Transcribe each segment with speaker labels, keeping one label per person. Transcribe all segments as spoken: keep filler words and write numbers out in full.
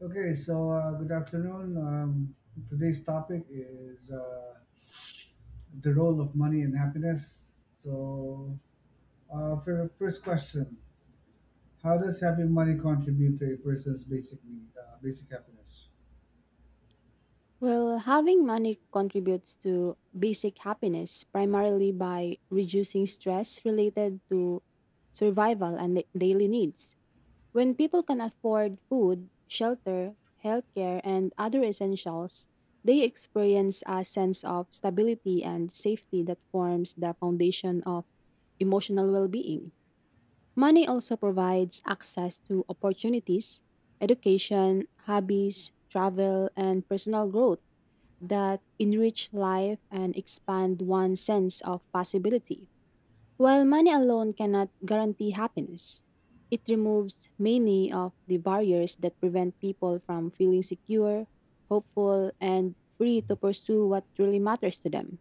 Speaker 1: Okay, so uh, good afternoon. Um, today's topic is uh, the role of money in happiness. So, uh, for the first question, how does having money contribute to a person's basic need, uh, basic happiness?
Speaker 2: Well, having money contributes to basic happiness primarily by reducing stress related to survival and da- daily needs. When people can afford food, shelter, healthcare, and other essentials, they experience a sense of stability and safety that forms the foundation of emotional well being. Money also provides access to opportunities, education, hobbies, travel, and personal growth that enrich life and expand one's sense of possibility. While money alone cannot guarantee happiness, it removes many of the barriers that prevent people from feeling secure, hopeful, and free to pursue what truly matters to them.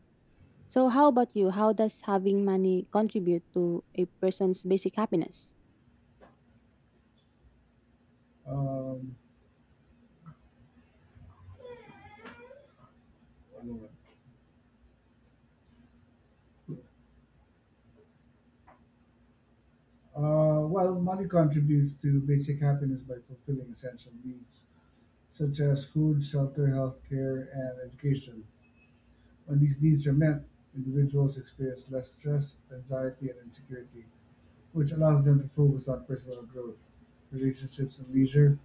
Speaker 2: So, how about you? How does having money contribute to a person's basic happiness?
Speaker 1: Um, One moment. Uh, well, money contributes to basic happiness by fulfilling essential needs such as food, shelter, healthcare, and education. When these needs are met, individuals experience less stress, anxiety, and insecurity, which allows them to focus on personal growth, relationships, and leisure.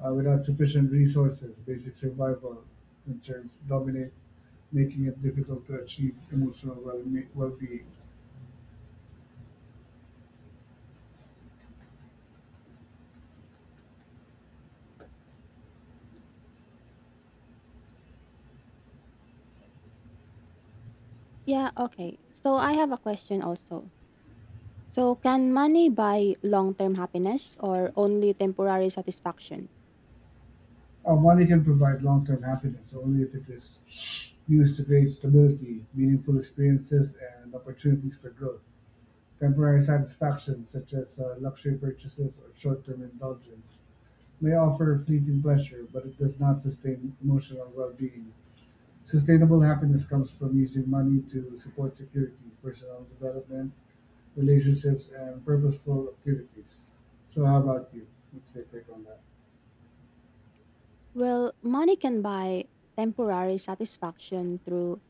Speaker 1: Uh, without sufficient resources, basic survival concerns dominate, making it difficult to achieve emotional well- well-being.
Speaker 2: Yeah, okay. So, I have a question also. So, can money buy long term happiness or only temporary satisfaction?
Speaker 1: Uh, money can provide long-term happiness only if it is used to create stability, meaningful experiences, and opportunities for growth. Temporary satisfaction, such as uh, luxury purchases or short term indulgence, may offer fleeting pleasure, but it does not sustain emotional well being. Sustainable happiness comes from using money to support security, personal development, relationships, and purposeful activities. So, how about you? What's your take on that?
Speaker 2: Well, money can buy temporary satisfaction through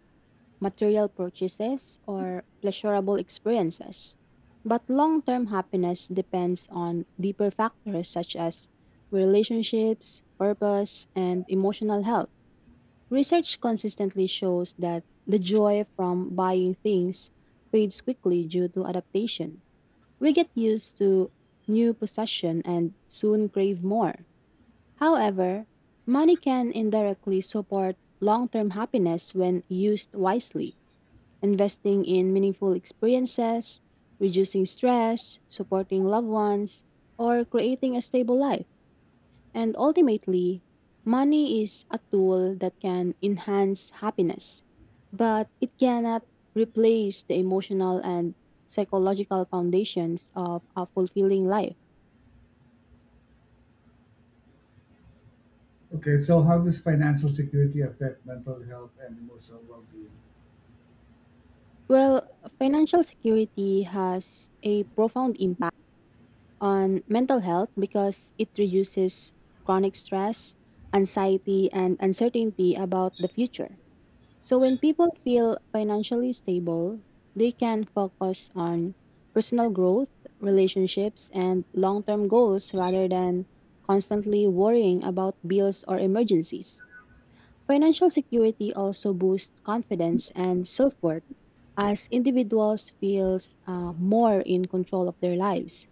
Speaker 2: material purchases or pleasurable experiences. But long term happiness depends on deeper factors such as relationships, purpose, and emotional health. Research consistently shows that the joy from buying things fades quickly due to adaptation. We get used to new possession and soon crave more. However, money can indirectly support long term happiness when used wisely, investing in meaningful experiences, reducing stress, supporting loved ones, or creating a stable life. And ultimately, money is a tool that can enhance happiness, but it cannot replace the emotional and psychological foundations of a fulfilling life.
Speaker 1: Okay, so how does financial security affect mental health and emotional well being?
Speaker 2: Well, financial security has a profound impact on mental health because it reduces chronic stress, anxiety, and uncertainty about the future. So, when people feel financially stable, they can focus on personal growth, relationships, and long term goals rather than constantly worrying about bills or emergencies. Financial security also boosts confidence and self-worth as individuals feels uh, more in control of their lives.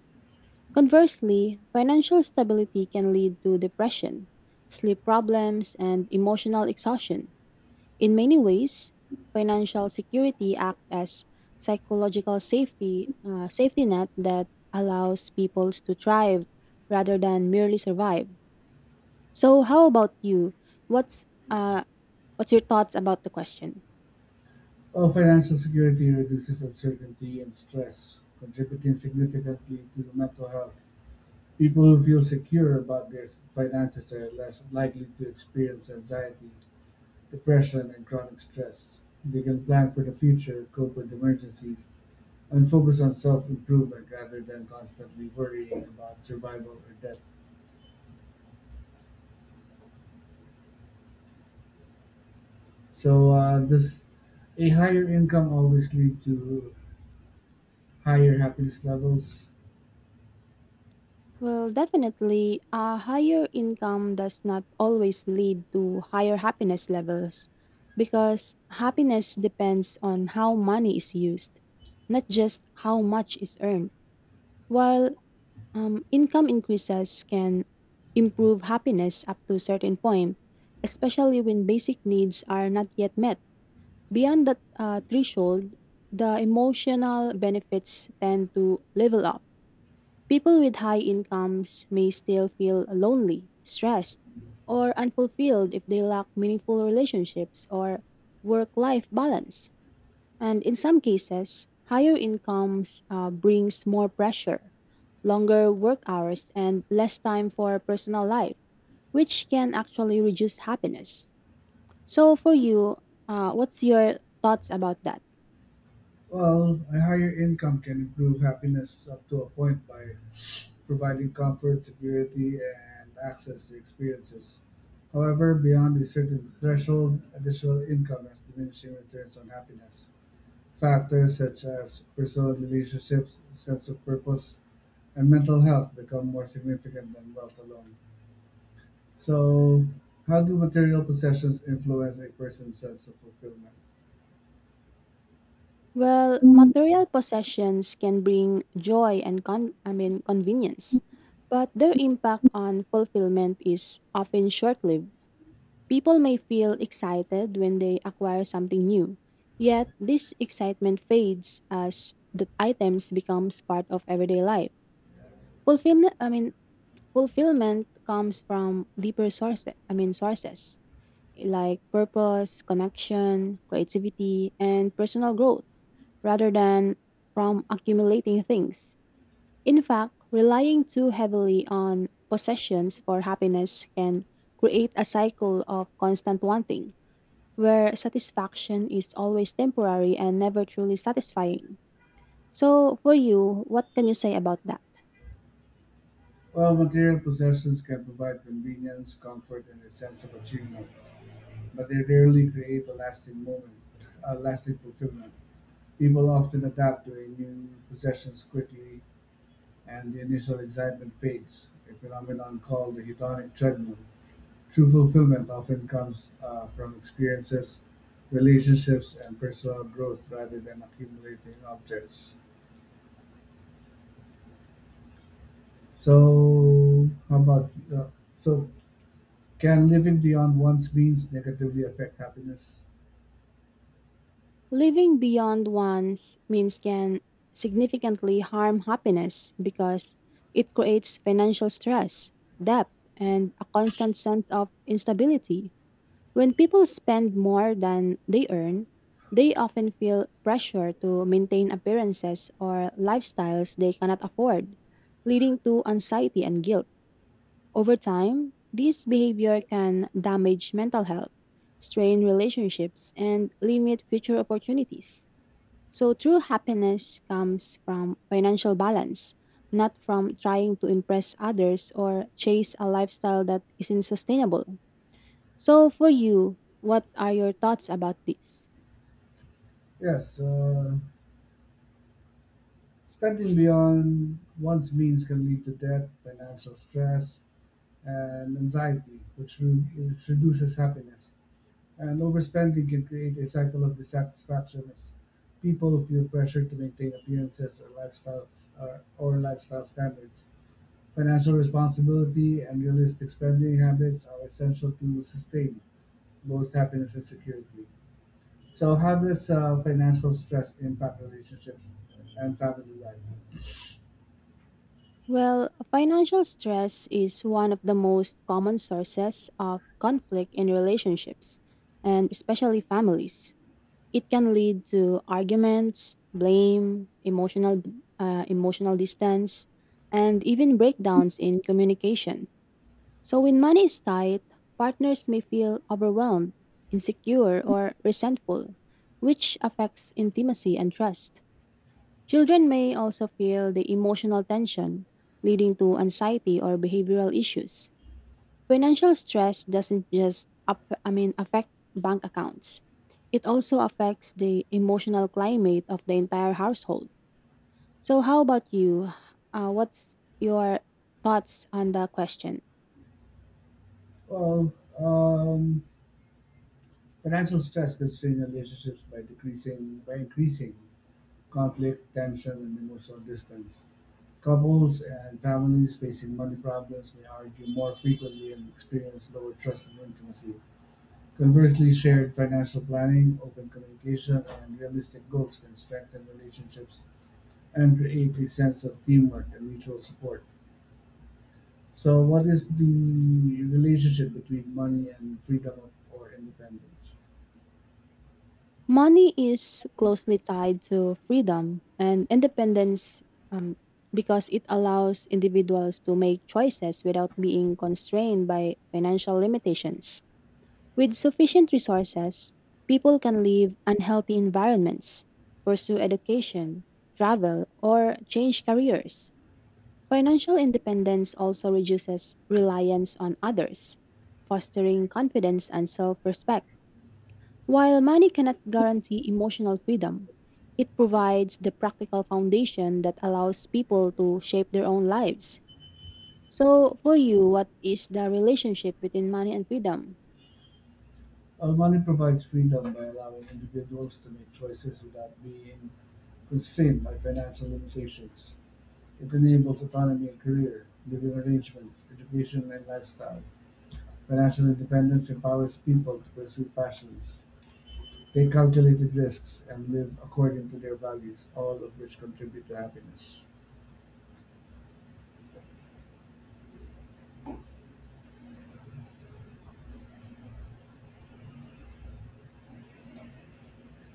Speaker 2: Conversely, financial stability can lead to depression, sleep problems, and emotional exhaustion. In many ways, financial security acts as psychological safety uh, safety net that allows people to thrive rather than merely survive. So, how about you? What's uh, What's your thoughts about the question?
Speaker 1: Well, financial security reduces uncertainty and stress, contributing significantly to mental health. People who feel secure about their finances are less likely to experience anxiety, depression, and chronic stress. They can plan for the future, cope with emergencies, and focus on self improvement rather than constantly worrying about survival or death. So, uh, does a higher income always lead to higher happiness levels?
Speaker 2: Well, definitely, a higher income does not always lead to higher happiness levels because happiness depends on how money is used, not just how much is earned. While um, income increases can improve happiness up to a certain point, especially when basic needs are not yet met. Beyond that uh, threshold, the emotional benefits tend to level up. People with high incomes may still feel lonely, stressed, or unfulfilled if they lack meaningful relationships or work life balance. And in some cases, higher incomes uh, brings more pressure, longer work hours, and less time for personal life, which can actually reduce happiness. So, for you, uh, what's your thoughts about that?
Speaker 1: Well, a higher income can improve happiness up to a point by providing comfort, security, and access to experiences. However, beyond a certain threshold, additional income has diminishing returns on happiness. Factors such as personal relationships, sense of purpose, and mental health become more significant than wealth alone. So, how do material possessions influence a person's sense of fulfillment?
Speaker 2: Well, material possessions can bring joy and con- I mean convenience, but their impact on fulfillment is often short-lived. People may feel excited when they acquire something new, yet this excitement fades as the items becomes part of everyday life. Fulfillment I mean fulfillment comes from deeper sources, I mean sources like purpose, connection, creativity, and personal growth rather than from accumulating things. In fact, relying too heavily on possessions for happiness can create a cycle of constant wanting, where satisfaction is always temporary and never truly satisfying. So, for you, what can you say about that?
Speaker 1: Well, material possessions can provide convenience, comfort, and a sense of achievement, but they rarely create a lasting moment, a lasting fulfillment. People often adapt to a new possessions quickly, and the initial excitement fades, a phenomenon called the hedonic treadmill. True fulfillment often comes uh, from experiences, relationships, and personal growth rather than accumulating objects. So, how about uh, so? Can living beyond one's means negatively affect happiness?
Speaker 2: Living beyond one's means can significantly harm happiness because it creates financial stress, debt, and a constant sense of instability. When people spend more than they earn, they often feel pressure to maintain appearances or lifestyles they cannot afford, leading to anxiety and guilt. Over time, this behavior can damage mental health, strain relationships, and limit future opportunities. So true happiness comes from financial balance, not from trying to impress others or chase a lifestyle that isn't sustainable. So for you, what are your thoughts about this?
Speaker 1: Yes, uh, spending beyond one's means can lead to debt, financial stress, and anxiety, which, re- which reduces happiness. And overspending can create a cycle of dissatisfaction as people feel pressure to maintain appearances or lifestyle or, or lifestyle standards. Financial responsibility and realistic spending habits are essential to sustain both happiness and security. So, how does uh, financial stress impact relationships and family life?
Speaker 2: Well, financial stress is one of the most common sources of conflict in relationships and especially families. It can lead to arguments, blame, emotional uh, emotional distance, and even breakdowns in communication. So when money is tight, partners may feel overwhelmed, insecure, or resentful, which affects intimacy and trust. Children may also feel the emotional tension, leading to anxiety or behavioral issues. Financial stress doesn't just up, I mean affect bank accounts. It also affects the emotional climate of the entire household. So how about you? Uh, what's your thoughts on the question?
Speaker 1: Well, um, financial stress can strain relationships by decreasing by increasing conflict, tension, and emotional distance. Couples and families facing money problems may argue more frequently and experience lower trust and intimacy. Conversely, shared financial planning, open communication, and realistic goals can strengthen relationships and create a sense of teamwork and mutual support. So, what is the relationship between money and freedom of, or independence?
Speaker 2: Money is closely tied to freedom and independence um, because it allows individuals to make choices without being constrained by financial limitations. With sufficient resources, people can leave unhealthy environments, pursue education, travel, or change careers. Financial independence also reduces reliance on others, fostering confidence and self respect. While money cannot guarantee emotional freedom, it provides the practical foundation that allows people to shape their own lives. So, for you, what is the relationship between money and freedom?
Speaker 1: Well, money provides freedom by allowing individuals to make choices without being constrained by financial limitations. It enables autonomy in career, living arrangements, education and lifestyle. Financial independence empowers people to pursue passions, take calculated risks, and live according to their values, all of which contribute to happiness.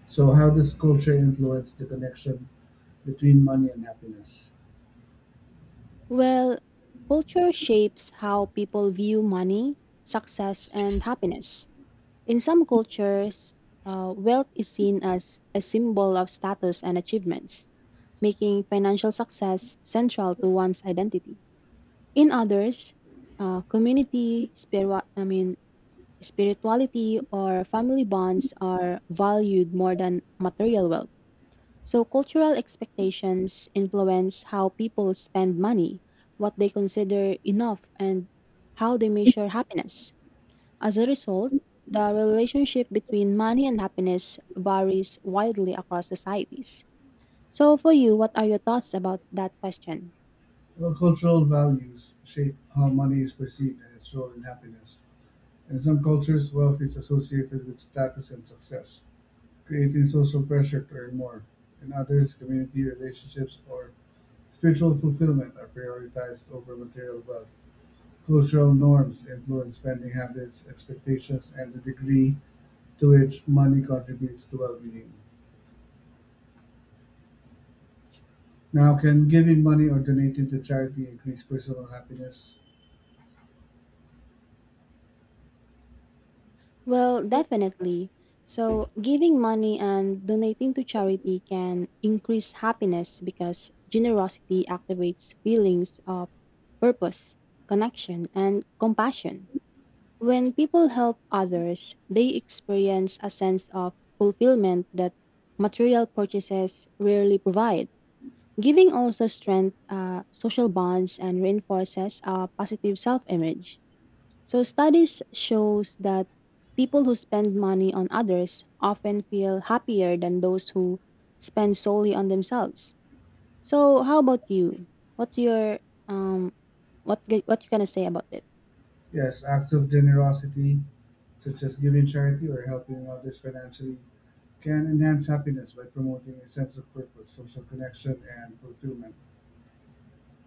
Speaker 1: So, how does culture influence the connection between money and happiness?
Speaker 2: Well, culture shapes how people view money, success, and happiness. In some cultures, uh, wealth is seen as a symbol of status and achievements, making financial success central to one's identity. In others, uh, community, spiritual, I mean, spirituality or family bonds are valued more than material wealth. So cultural expectations influence how people spend money, what they consider enough, and how they measure happiness. As a result, the relationship between money and happiness varies widely across societies. So, for you, what are your thoughts about that question?
Speaker 1: Well, cultural values shape how money is perceived and its role in happiness. In some cultures, wealth is associated with status and success, creating social pressure to earn more. In others, community relationships or spiritual fulfillment are prioritized over material wealth. Cultural norms influence spending habits, expectations, and the degree to which money contributes to well being. Now, can giving money or donating to charity increase personal happiness?
Speaker 2: Well, definitely. So, giving money and donating to charity can increase happiness because generosity activates feelings of purpose, connection, and compassion. When people help others, they experience a sense of fulfillment that material purchases rarely provide. Giving also strengthens uh, social bonds and reinforces a positive self image. So studies shows that people who spend money on others often feel happier than those who spend solely on themselves. So how about you? What's your um what g- what you gonna say about it?
Speaker 1: Yes, acts of generosity, such as giving charity or helping others financially, can enhance happiness by promoting a sense of purpose, social connection, and fulfillment.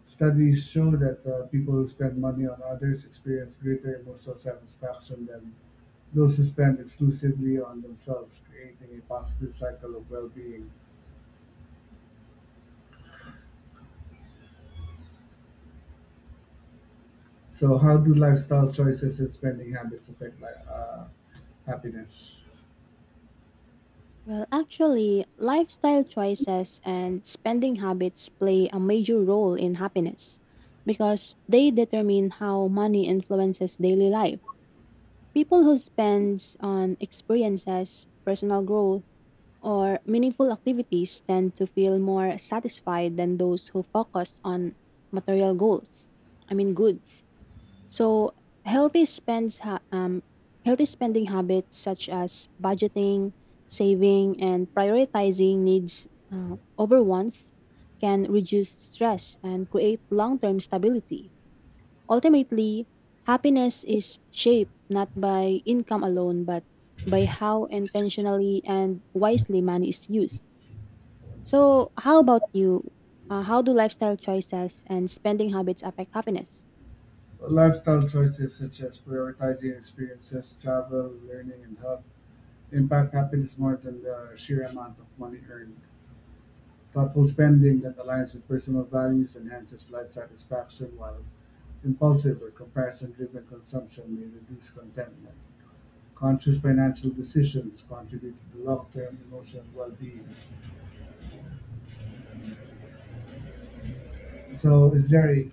Speaker 1: Studies show that uh, people who spend money on others experience greater emotional satisfaction than those who spend exclusively on themselves, creating a positive cycle of well being. So, how do lifestyle choices and spending habits affect li- uh, happiness?
Speaker 2: Well, actually, lifestyle choices and spending habits play a major role in happiness because they determine how money influences daily life. People who spend on experiences, personal growth, or meaningful activities tend to feel more satisfied than those who focus on material goals. I mean, goods. So, healthy spends ha- um, healthy spending habits such as budgeting, saving, and prioritizing needs uh, over wants can reduce stress and create long-term stability. Ultimately, happiness is shaped not by income alone, but by how intentionally and wisely money is used. So, how about you? Uh, how do lifestyle choices and spending habits affect happiness?
Speaker 1: Well, lifestyle choices such as prioritizing experiences, travel, learning, and health impact happiness more than the sheer amount of money earned. Thoughtful spending that aligns with personal values enhances life satisfaction, while impulsive or comparison driven consumption may reduce contentment. Conscious financial decisions contribute to the long term emotional well being. So, is there a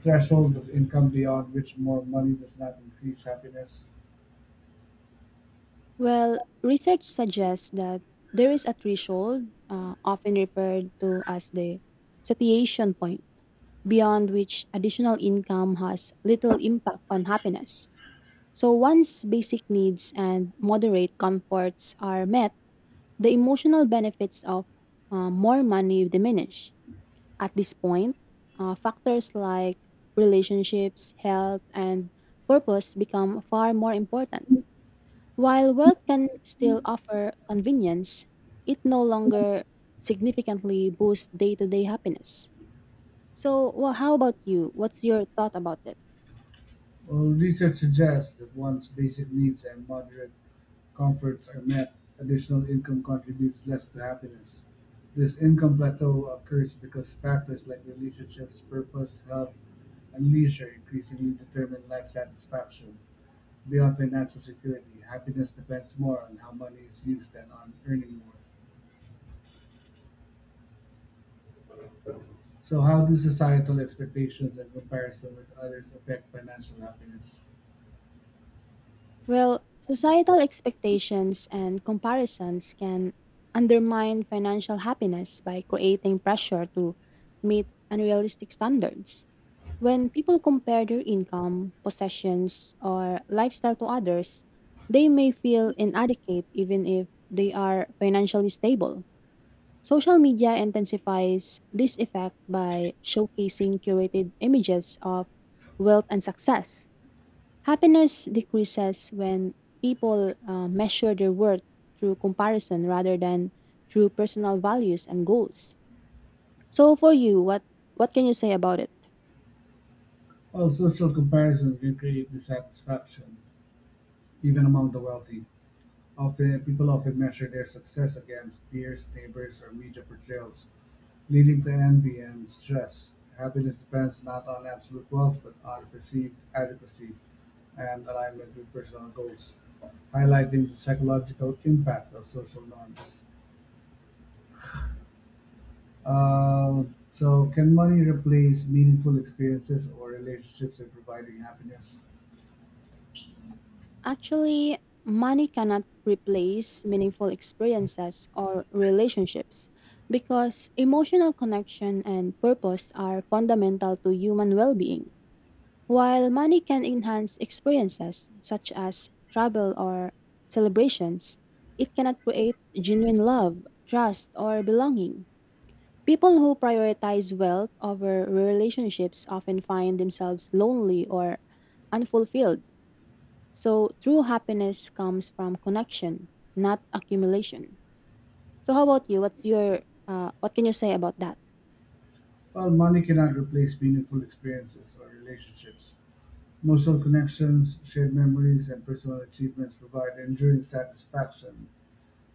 Speaker 1: threshold of income beyond which more money does not increase happiness?
Speaker 2: Well, research suggests that there is a threshold, uh, often referred to as the satiation point, beyond which additional income has little impact on happiness. So once basic needs and moderate comforts are met, the emotional benefits of uh, more money diminish. At this point, uh, factors like relationships, health, and purpose become far more important. While wealth can still offer convenience, it no longer significantly boosts day to day happiness. So, wha how about you? What's your thought about that?
Speaker 1: Well, research suggests that one's basic needs and moderate comforts are met, additional income contributes less to happiness. This income plateau occurs because factors like relationships, purpose, health, and leisure increasingly determine life satisfaction. Beyond financial security, happiness depends more on how money is used than on earning more. So, how do societal expectations and comparison with others affect financial happiness?
Speaker 2: Well, societal expectations and comparisons can undermine financial happiness by creating pressure to meet unrealistic standards. When people compare their income, possessions, or lifestyle to others, they may feel inadequate even if they are financially stable. Social media intensifies this effect by showcasing curated images of wealth and success. Happiness decreases when people uh, measure their worth through comparison rather than through personal values and goals. So for you, what what can you say about it?
Speaker 1: Well, social comparison can create dissatisfaction, even among the wealthy. Often, people often measure their success against peers, neighbors, or media portrayals, leading to envy and stress. Happiness depends not on absolute wealth, but on perceived adequacy and alignment with personal goals, highlighting the psychological impact of social norms. Um, so, can money replace meaningful experiences or relationships in providing happiness?
Speaker 2: Actually, money cannot replace meaningful experiences or relationships because emotional connection and purpose are fundamental to human well-being. While money can enhance experiences such as travel or celebrations, it cannot create genuine love, trust, or belonging. People who prioritize wealth over relationships often find themselves lonely or unfulfilled. So, true happiness comes from connection, not accumulation. So, how about you? What's your uh, what can you say about that?
Speaker 1: Well, money cannot replace meaningful experiences or relationships. Emotional connections, shared memories, and personal achievements provide enduring satisfaction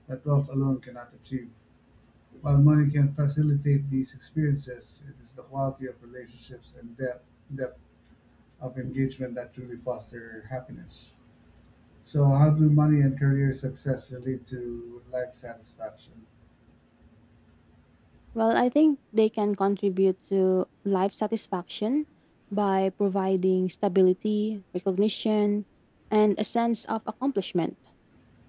Speaker 1: that wealth alone cannot achieve. While money can facilitate these experiences, it is the quality of relationships and depth, depth of engagement that truly foster happiness. So, how do money and career success relate to life satisfaction?
Speaker 2: Well, I think they can contribute to life satisfaction by providing stability, recognition, and a sense of accomplishment.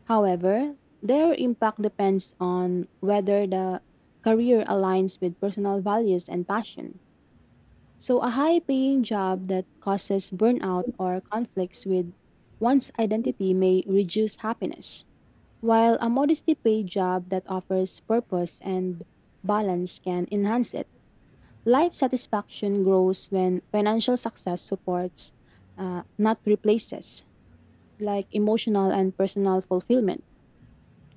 Speaker 2: However, their impact depends on whether the career aligns with personal values and passion. So, a high paying job that causes burnout or conflicts with one's identity may reduce happiness, while a modesty paid job that offers purpose and balance can enhance it. Life satisfaction grows when financial success supports, uh, not replaces, like emotional and personal fulfillment.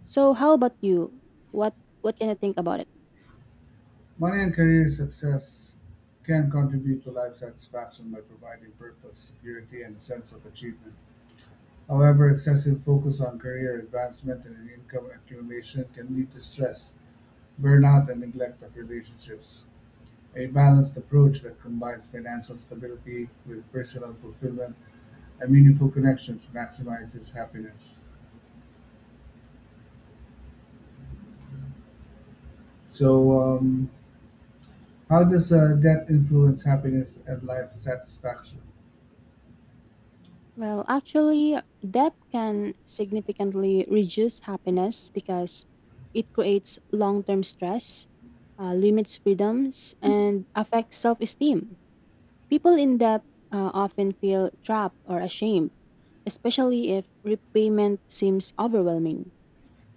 Speaker 2: So, how about you? What what can you think about it?
Speaker 1: Money and career success can contribute to life satisfaction by providing purpose, security, and a sense of achievement. However, excessive focus on career advancement and income accumulation can lead to stress, burnout, and neglect of relationships. A balanced approach that combines financial stability with personal fulfillment and meaningful connections maximizes happiness. So, um, how does uh, debt influence happiness and life satisfaction?
Speaker 2: Well, actually, debt can significantly reduce happiness because it creates long-term stress, uh, limits freedoms, and affects self-esteem. People in debt uh, often feel trapped or ashamed, especially if repayment seems overwhelming.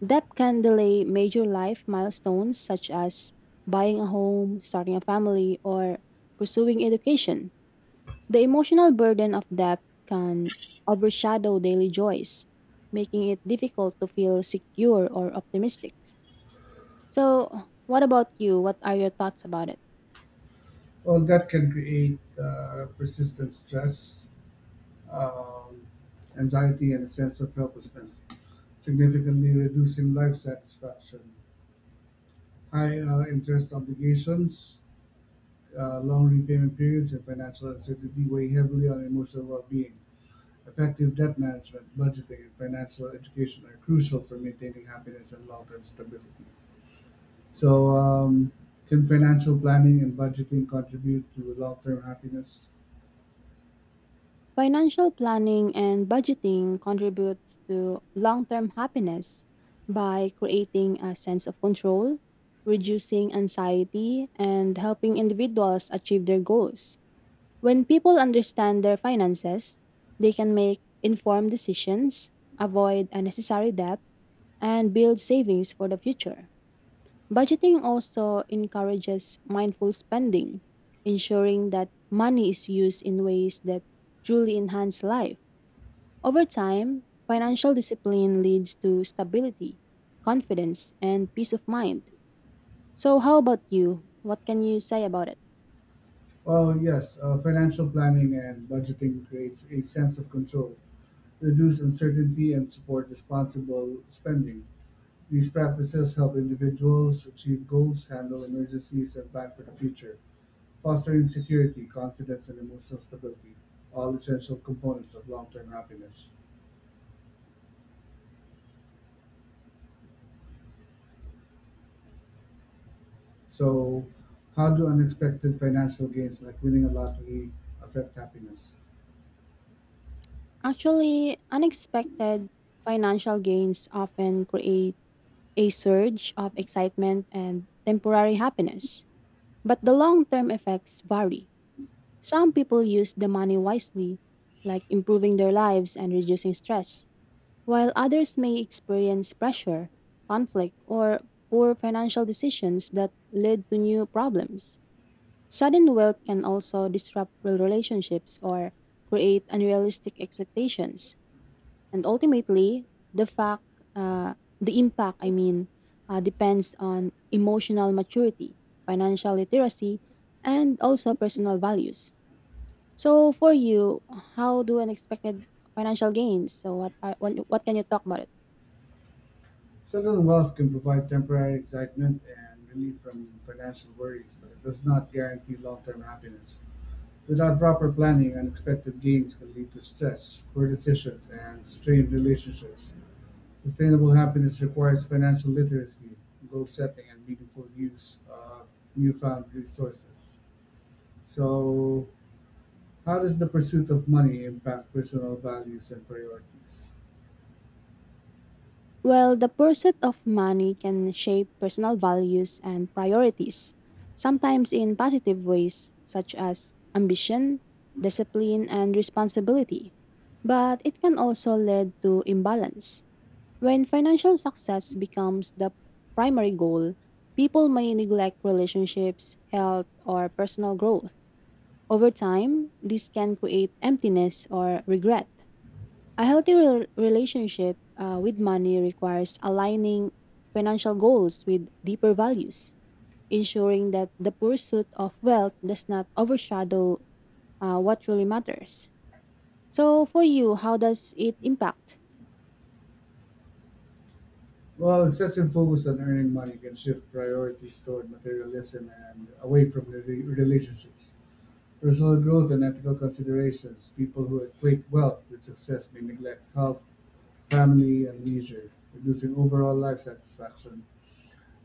Speaker 2: Debt can delay major life milestones such as buying a home, starting a family, or pursuing education. The emotional burden of debt can overshadow daily joys, making it difficult to feel secure or optimistic. So, what about you? What are your thoughts about it?
Speaker 1: Well, that can create uh, persistent stress, um, anxiety, and a sense of helplessness, significantly reducing life satisfaction. High uh, interest obligations, uh, long repayment periods, and financial uncertainty weigh heavily on emotional well being. Effective debt management, budgeting, and financial education are crucial for maintaining happiness and long term stability. So, um, can financial planning and budgeting contribute to long term happiness?
Speaker 2: Financial planning and budgeting contributes to long-term happiness by creating a sense of control, reducing anxiety, and helping individuals achieve their goals. When people understand their finances, they can make informed decisions, avoid unnecessary debt, and build savings for the future. Budgeting also encourages mindful spending, ensuring that money is used in ways that truly enhance life. Over time, financial discipline leads to stability, confidence, and peace of mind. So, how about you? What can you say about it?
Speaker 1: Well, yes, uh, financial planning and budgeting creates a sense of control, reduce uncertainty, and support responsible spending. These practices help individuals achieve goals, handle emergencies, and plan for the future, fostering security, confidence, and emotional stability, all essential components of long term happiness. So, how do unexpected financial gains like winning a lottery affect happiness?
Speaker 2: Actually, unexpected financial gains often create a surge of excitement and temporary happiness. But the long term effects vary. Some people use the money wisely, like improving their lives and reducing stress while others may experience pressure, conflict, or poor financial decisions that lead to new problems. Sudden wealth can also disrupt real relationships or create unrealistic expectations. And ultimately, the fact, uh, the impact, I mean, uh, depends on emotional maturity, financial literacy, and also personal values. So, for you, how do unexpected financial gains? So, what are, what what can you talk about it?
Speaker 1: Sudden wealth can provide temporary excitement and relief from financial worries, but it does not guarantee long term happiness. Without proper planning, unexpected gains can lead to stress, poor decisions, and strained relationships. Sustainable happiness requires financial literacy, goal setting, and meaningful use of newfound resources. So, how does the pursuit of money impact personal values and priorities?
Speaker 2: Well, the pursuit of money can shape personal values and priorities, sometimes in positive ways, such as ambition, discipline, and responsibility. But it can also lead to imbalance. When financial success becomes the primary goal, people may neglect relationships, health, or personal growth. Over time, this can create emptiness or regret. A healthy rel- relationship uh, with money requires aligning financial goals with deeper values, ensuring that the pursuit of wealth does not overshadow uh, what truly matters. So, for you, how does it impact?
Speaker 1: Well, excessive focus on earning money can shift priorities toward materialism and away from rela- relationships, personal growth and ethical considerations. People who equate wealth with success may neglect health, family, and leisure, reducing overall life satisfaction.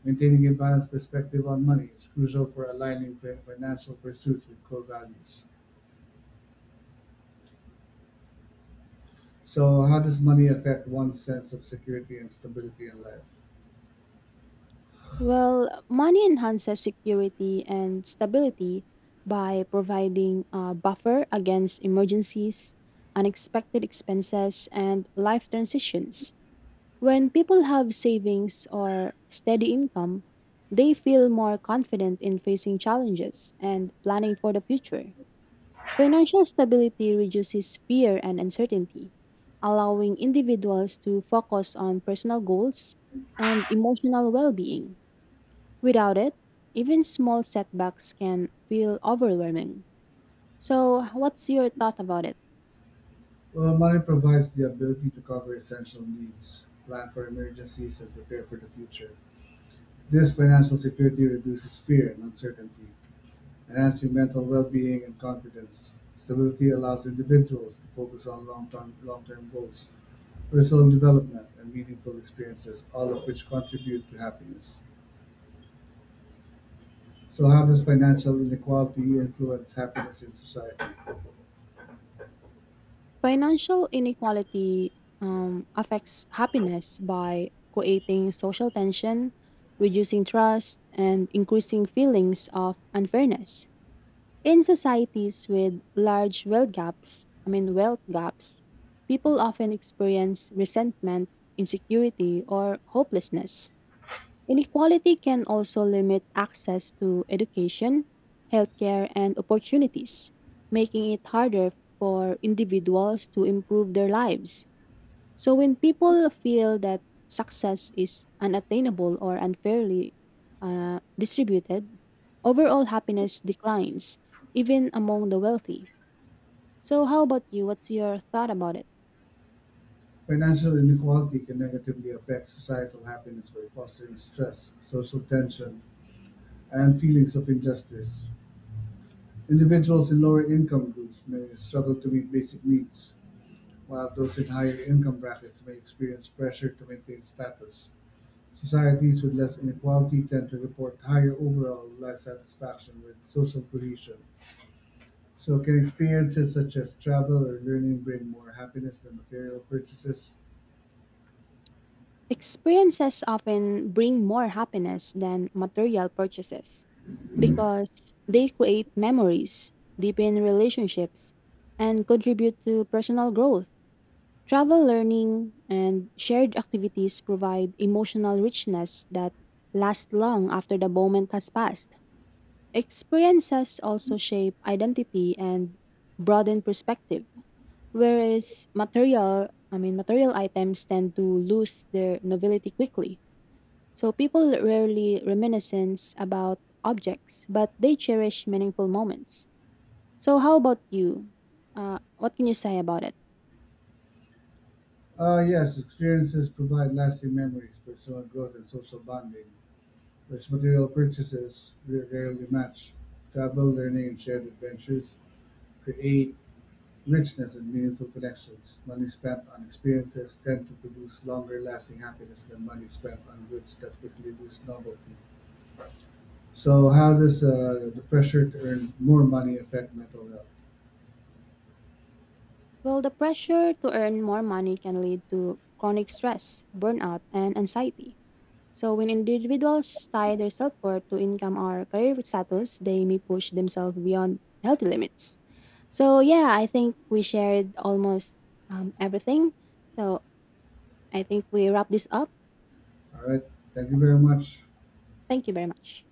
Speaker 1: Maintaining a balanced perspective on money is crucial for aligning fi- financial pursuits with core values. So, how does money affect one's sense of security and stability in life?
Speaker 2: Well, money enhances security and stability by providing a buffer against emergencies, unexpected expenses, and life transitions. When people have savings or steady income, they feel more confident in facing challenges and planning for the future. Financial stability reduces fear and uncertainty, allowing individuals to focus on personal goals and emotional well being. Without it, even small setbacks can feel overwhelming. So, what's your thought about it?
Speaker 1: Well, money provides the ability to cover essential needs, plan for emergencies, and prepare for the future. This financial security reduces fear and uncertainty, enhancing mental well being and confidence. Stability allows individuals to focus on long term long-term goals, personal development, and meaningful experiences, all of which contribute to happiness. So, how does financial inequality influence happiness in society?
Speaker 2: Financial inequality um, affects happiness by creating social tension, reducing trust, and increasing feelings of unfairness. In societies with large wealth gaps, I mean wealth gaps, people often experience resentment, insecurity, or hopelessness. Inequality can also limit access to education, healthcare, and opportunities, making it harder for individuals to improve their lives. So, when people feel that success is unattainable or unfairly uh, distributed, overall happiness declines, even among the wealthy. So, how about you? What's your thought about it?
Speaker 1: Financial inequality can negatively affect societal happiness by fostering stress, social tension, and feelings of injustice. Individuals in lower income groups may struggle to meet basic needs, while those in higher income brackets may experience pressure to maintain status. Societies with less inequality tend to report higher overall life satisfaction with social cohesion. So can experiences such as travel or learning bring more happiness than material purchases?
Speaker 2: Experiences often bring more happiness than material purchases, because they create memories, deepen relationships, and contribute to personal growth. Travel learning and shared activities provide emotional richness that lasts long after the moment has passed. Experiences also shape identity and broaden perspective, whereas material, I mean material items tend to lose their novelty quickly. So people rarely reminiscence about objects, but they cherish meaningful moments. So how about you? Uh, what can you say about it?
Speaker 1: Uh, yes, experiences provide lasting memories, personal growth, and social bonding, which material purchases ra- rarely match. Travel, learning, and shared adventures create richness and meaningful connections. Money spent on experiences tend to produce longer lasting happiness than money spent on goods that quickly lose novelty. So, how does uh, the pressure to earn more money affect mental health?
Speaker 2: Well, the pressure to earn more money can lead to chronic stress, burnout, and anxiety. So when individuals tie their self-worth to income or career status, they may push themselves beyond healthy limits. So yeah, I think we shared almost um, everything. So I think we wrap this up.
Speaker 1: All right. Thank you very much.
Speaker 2: Thank you very much.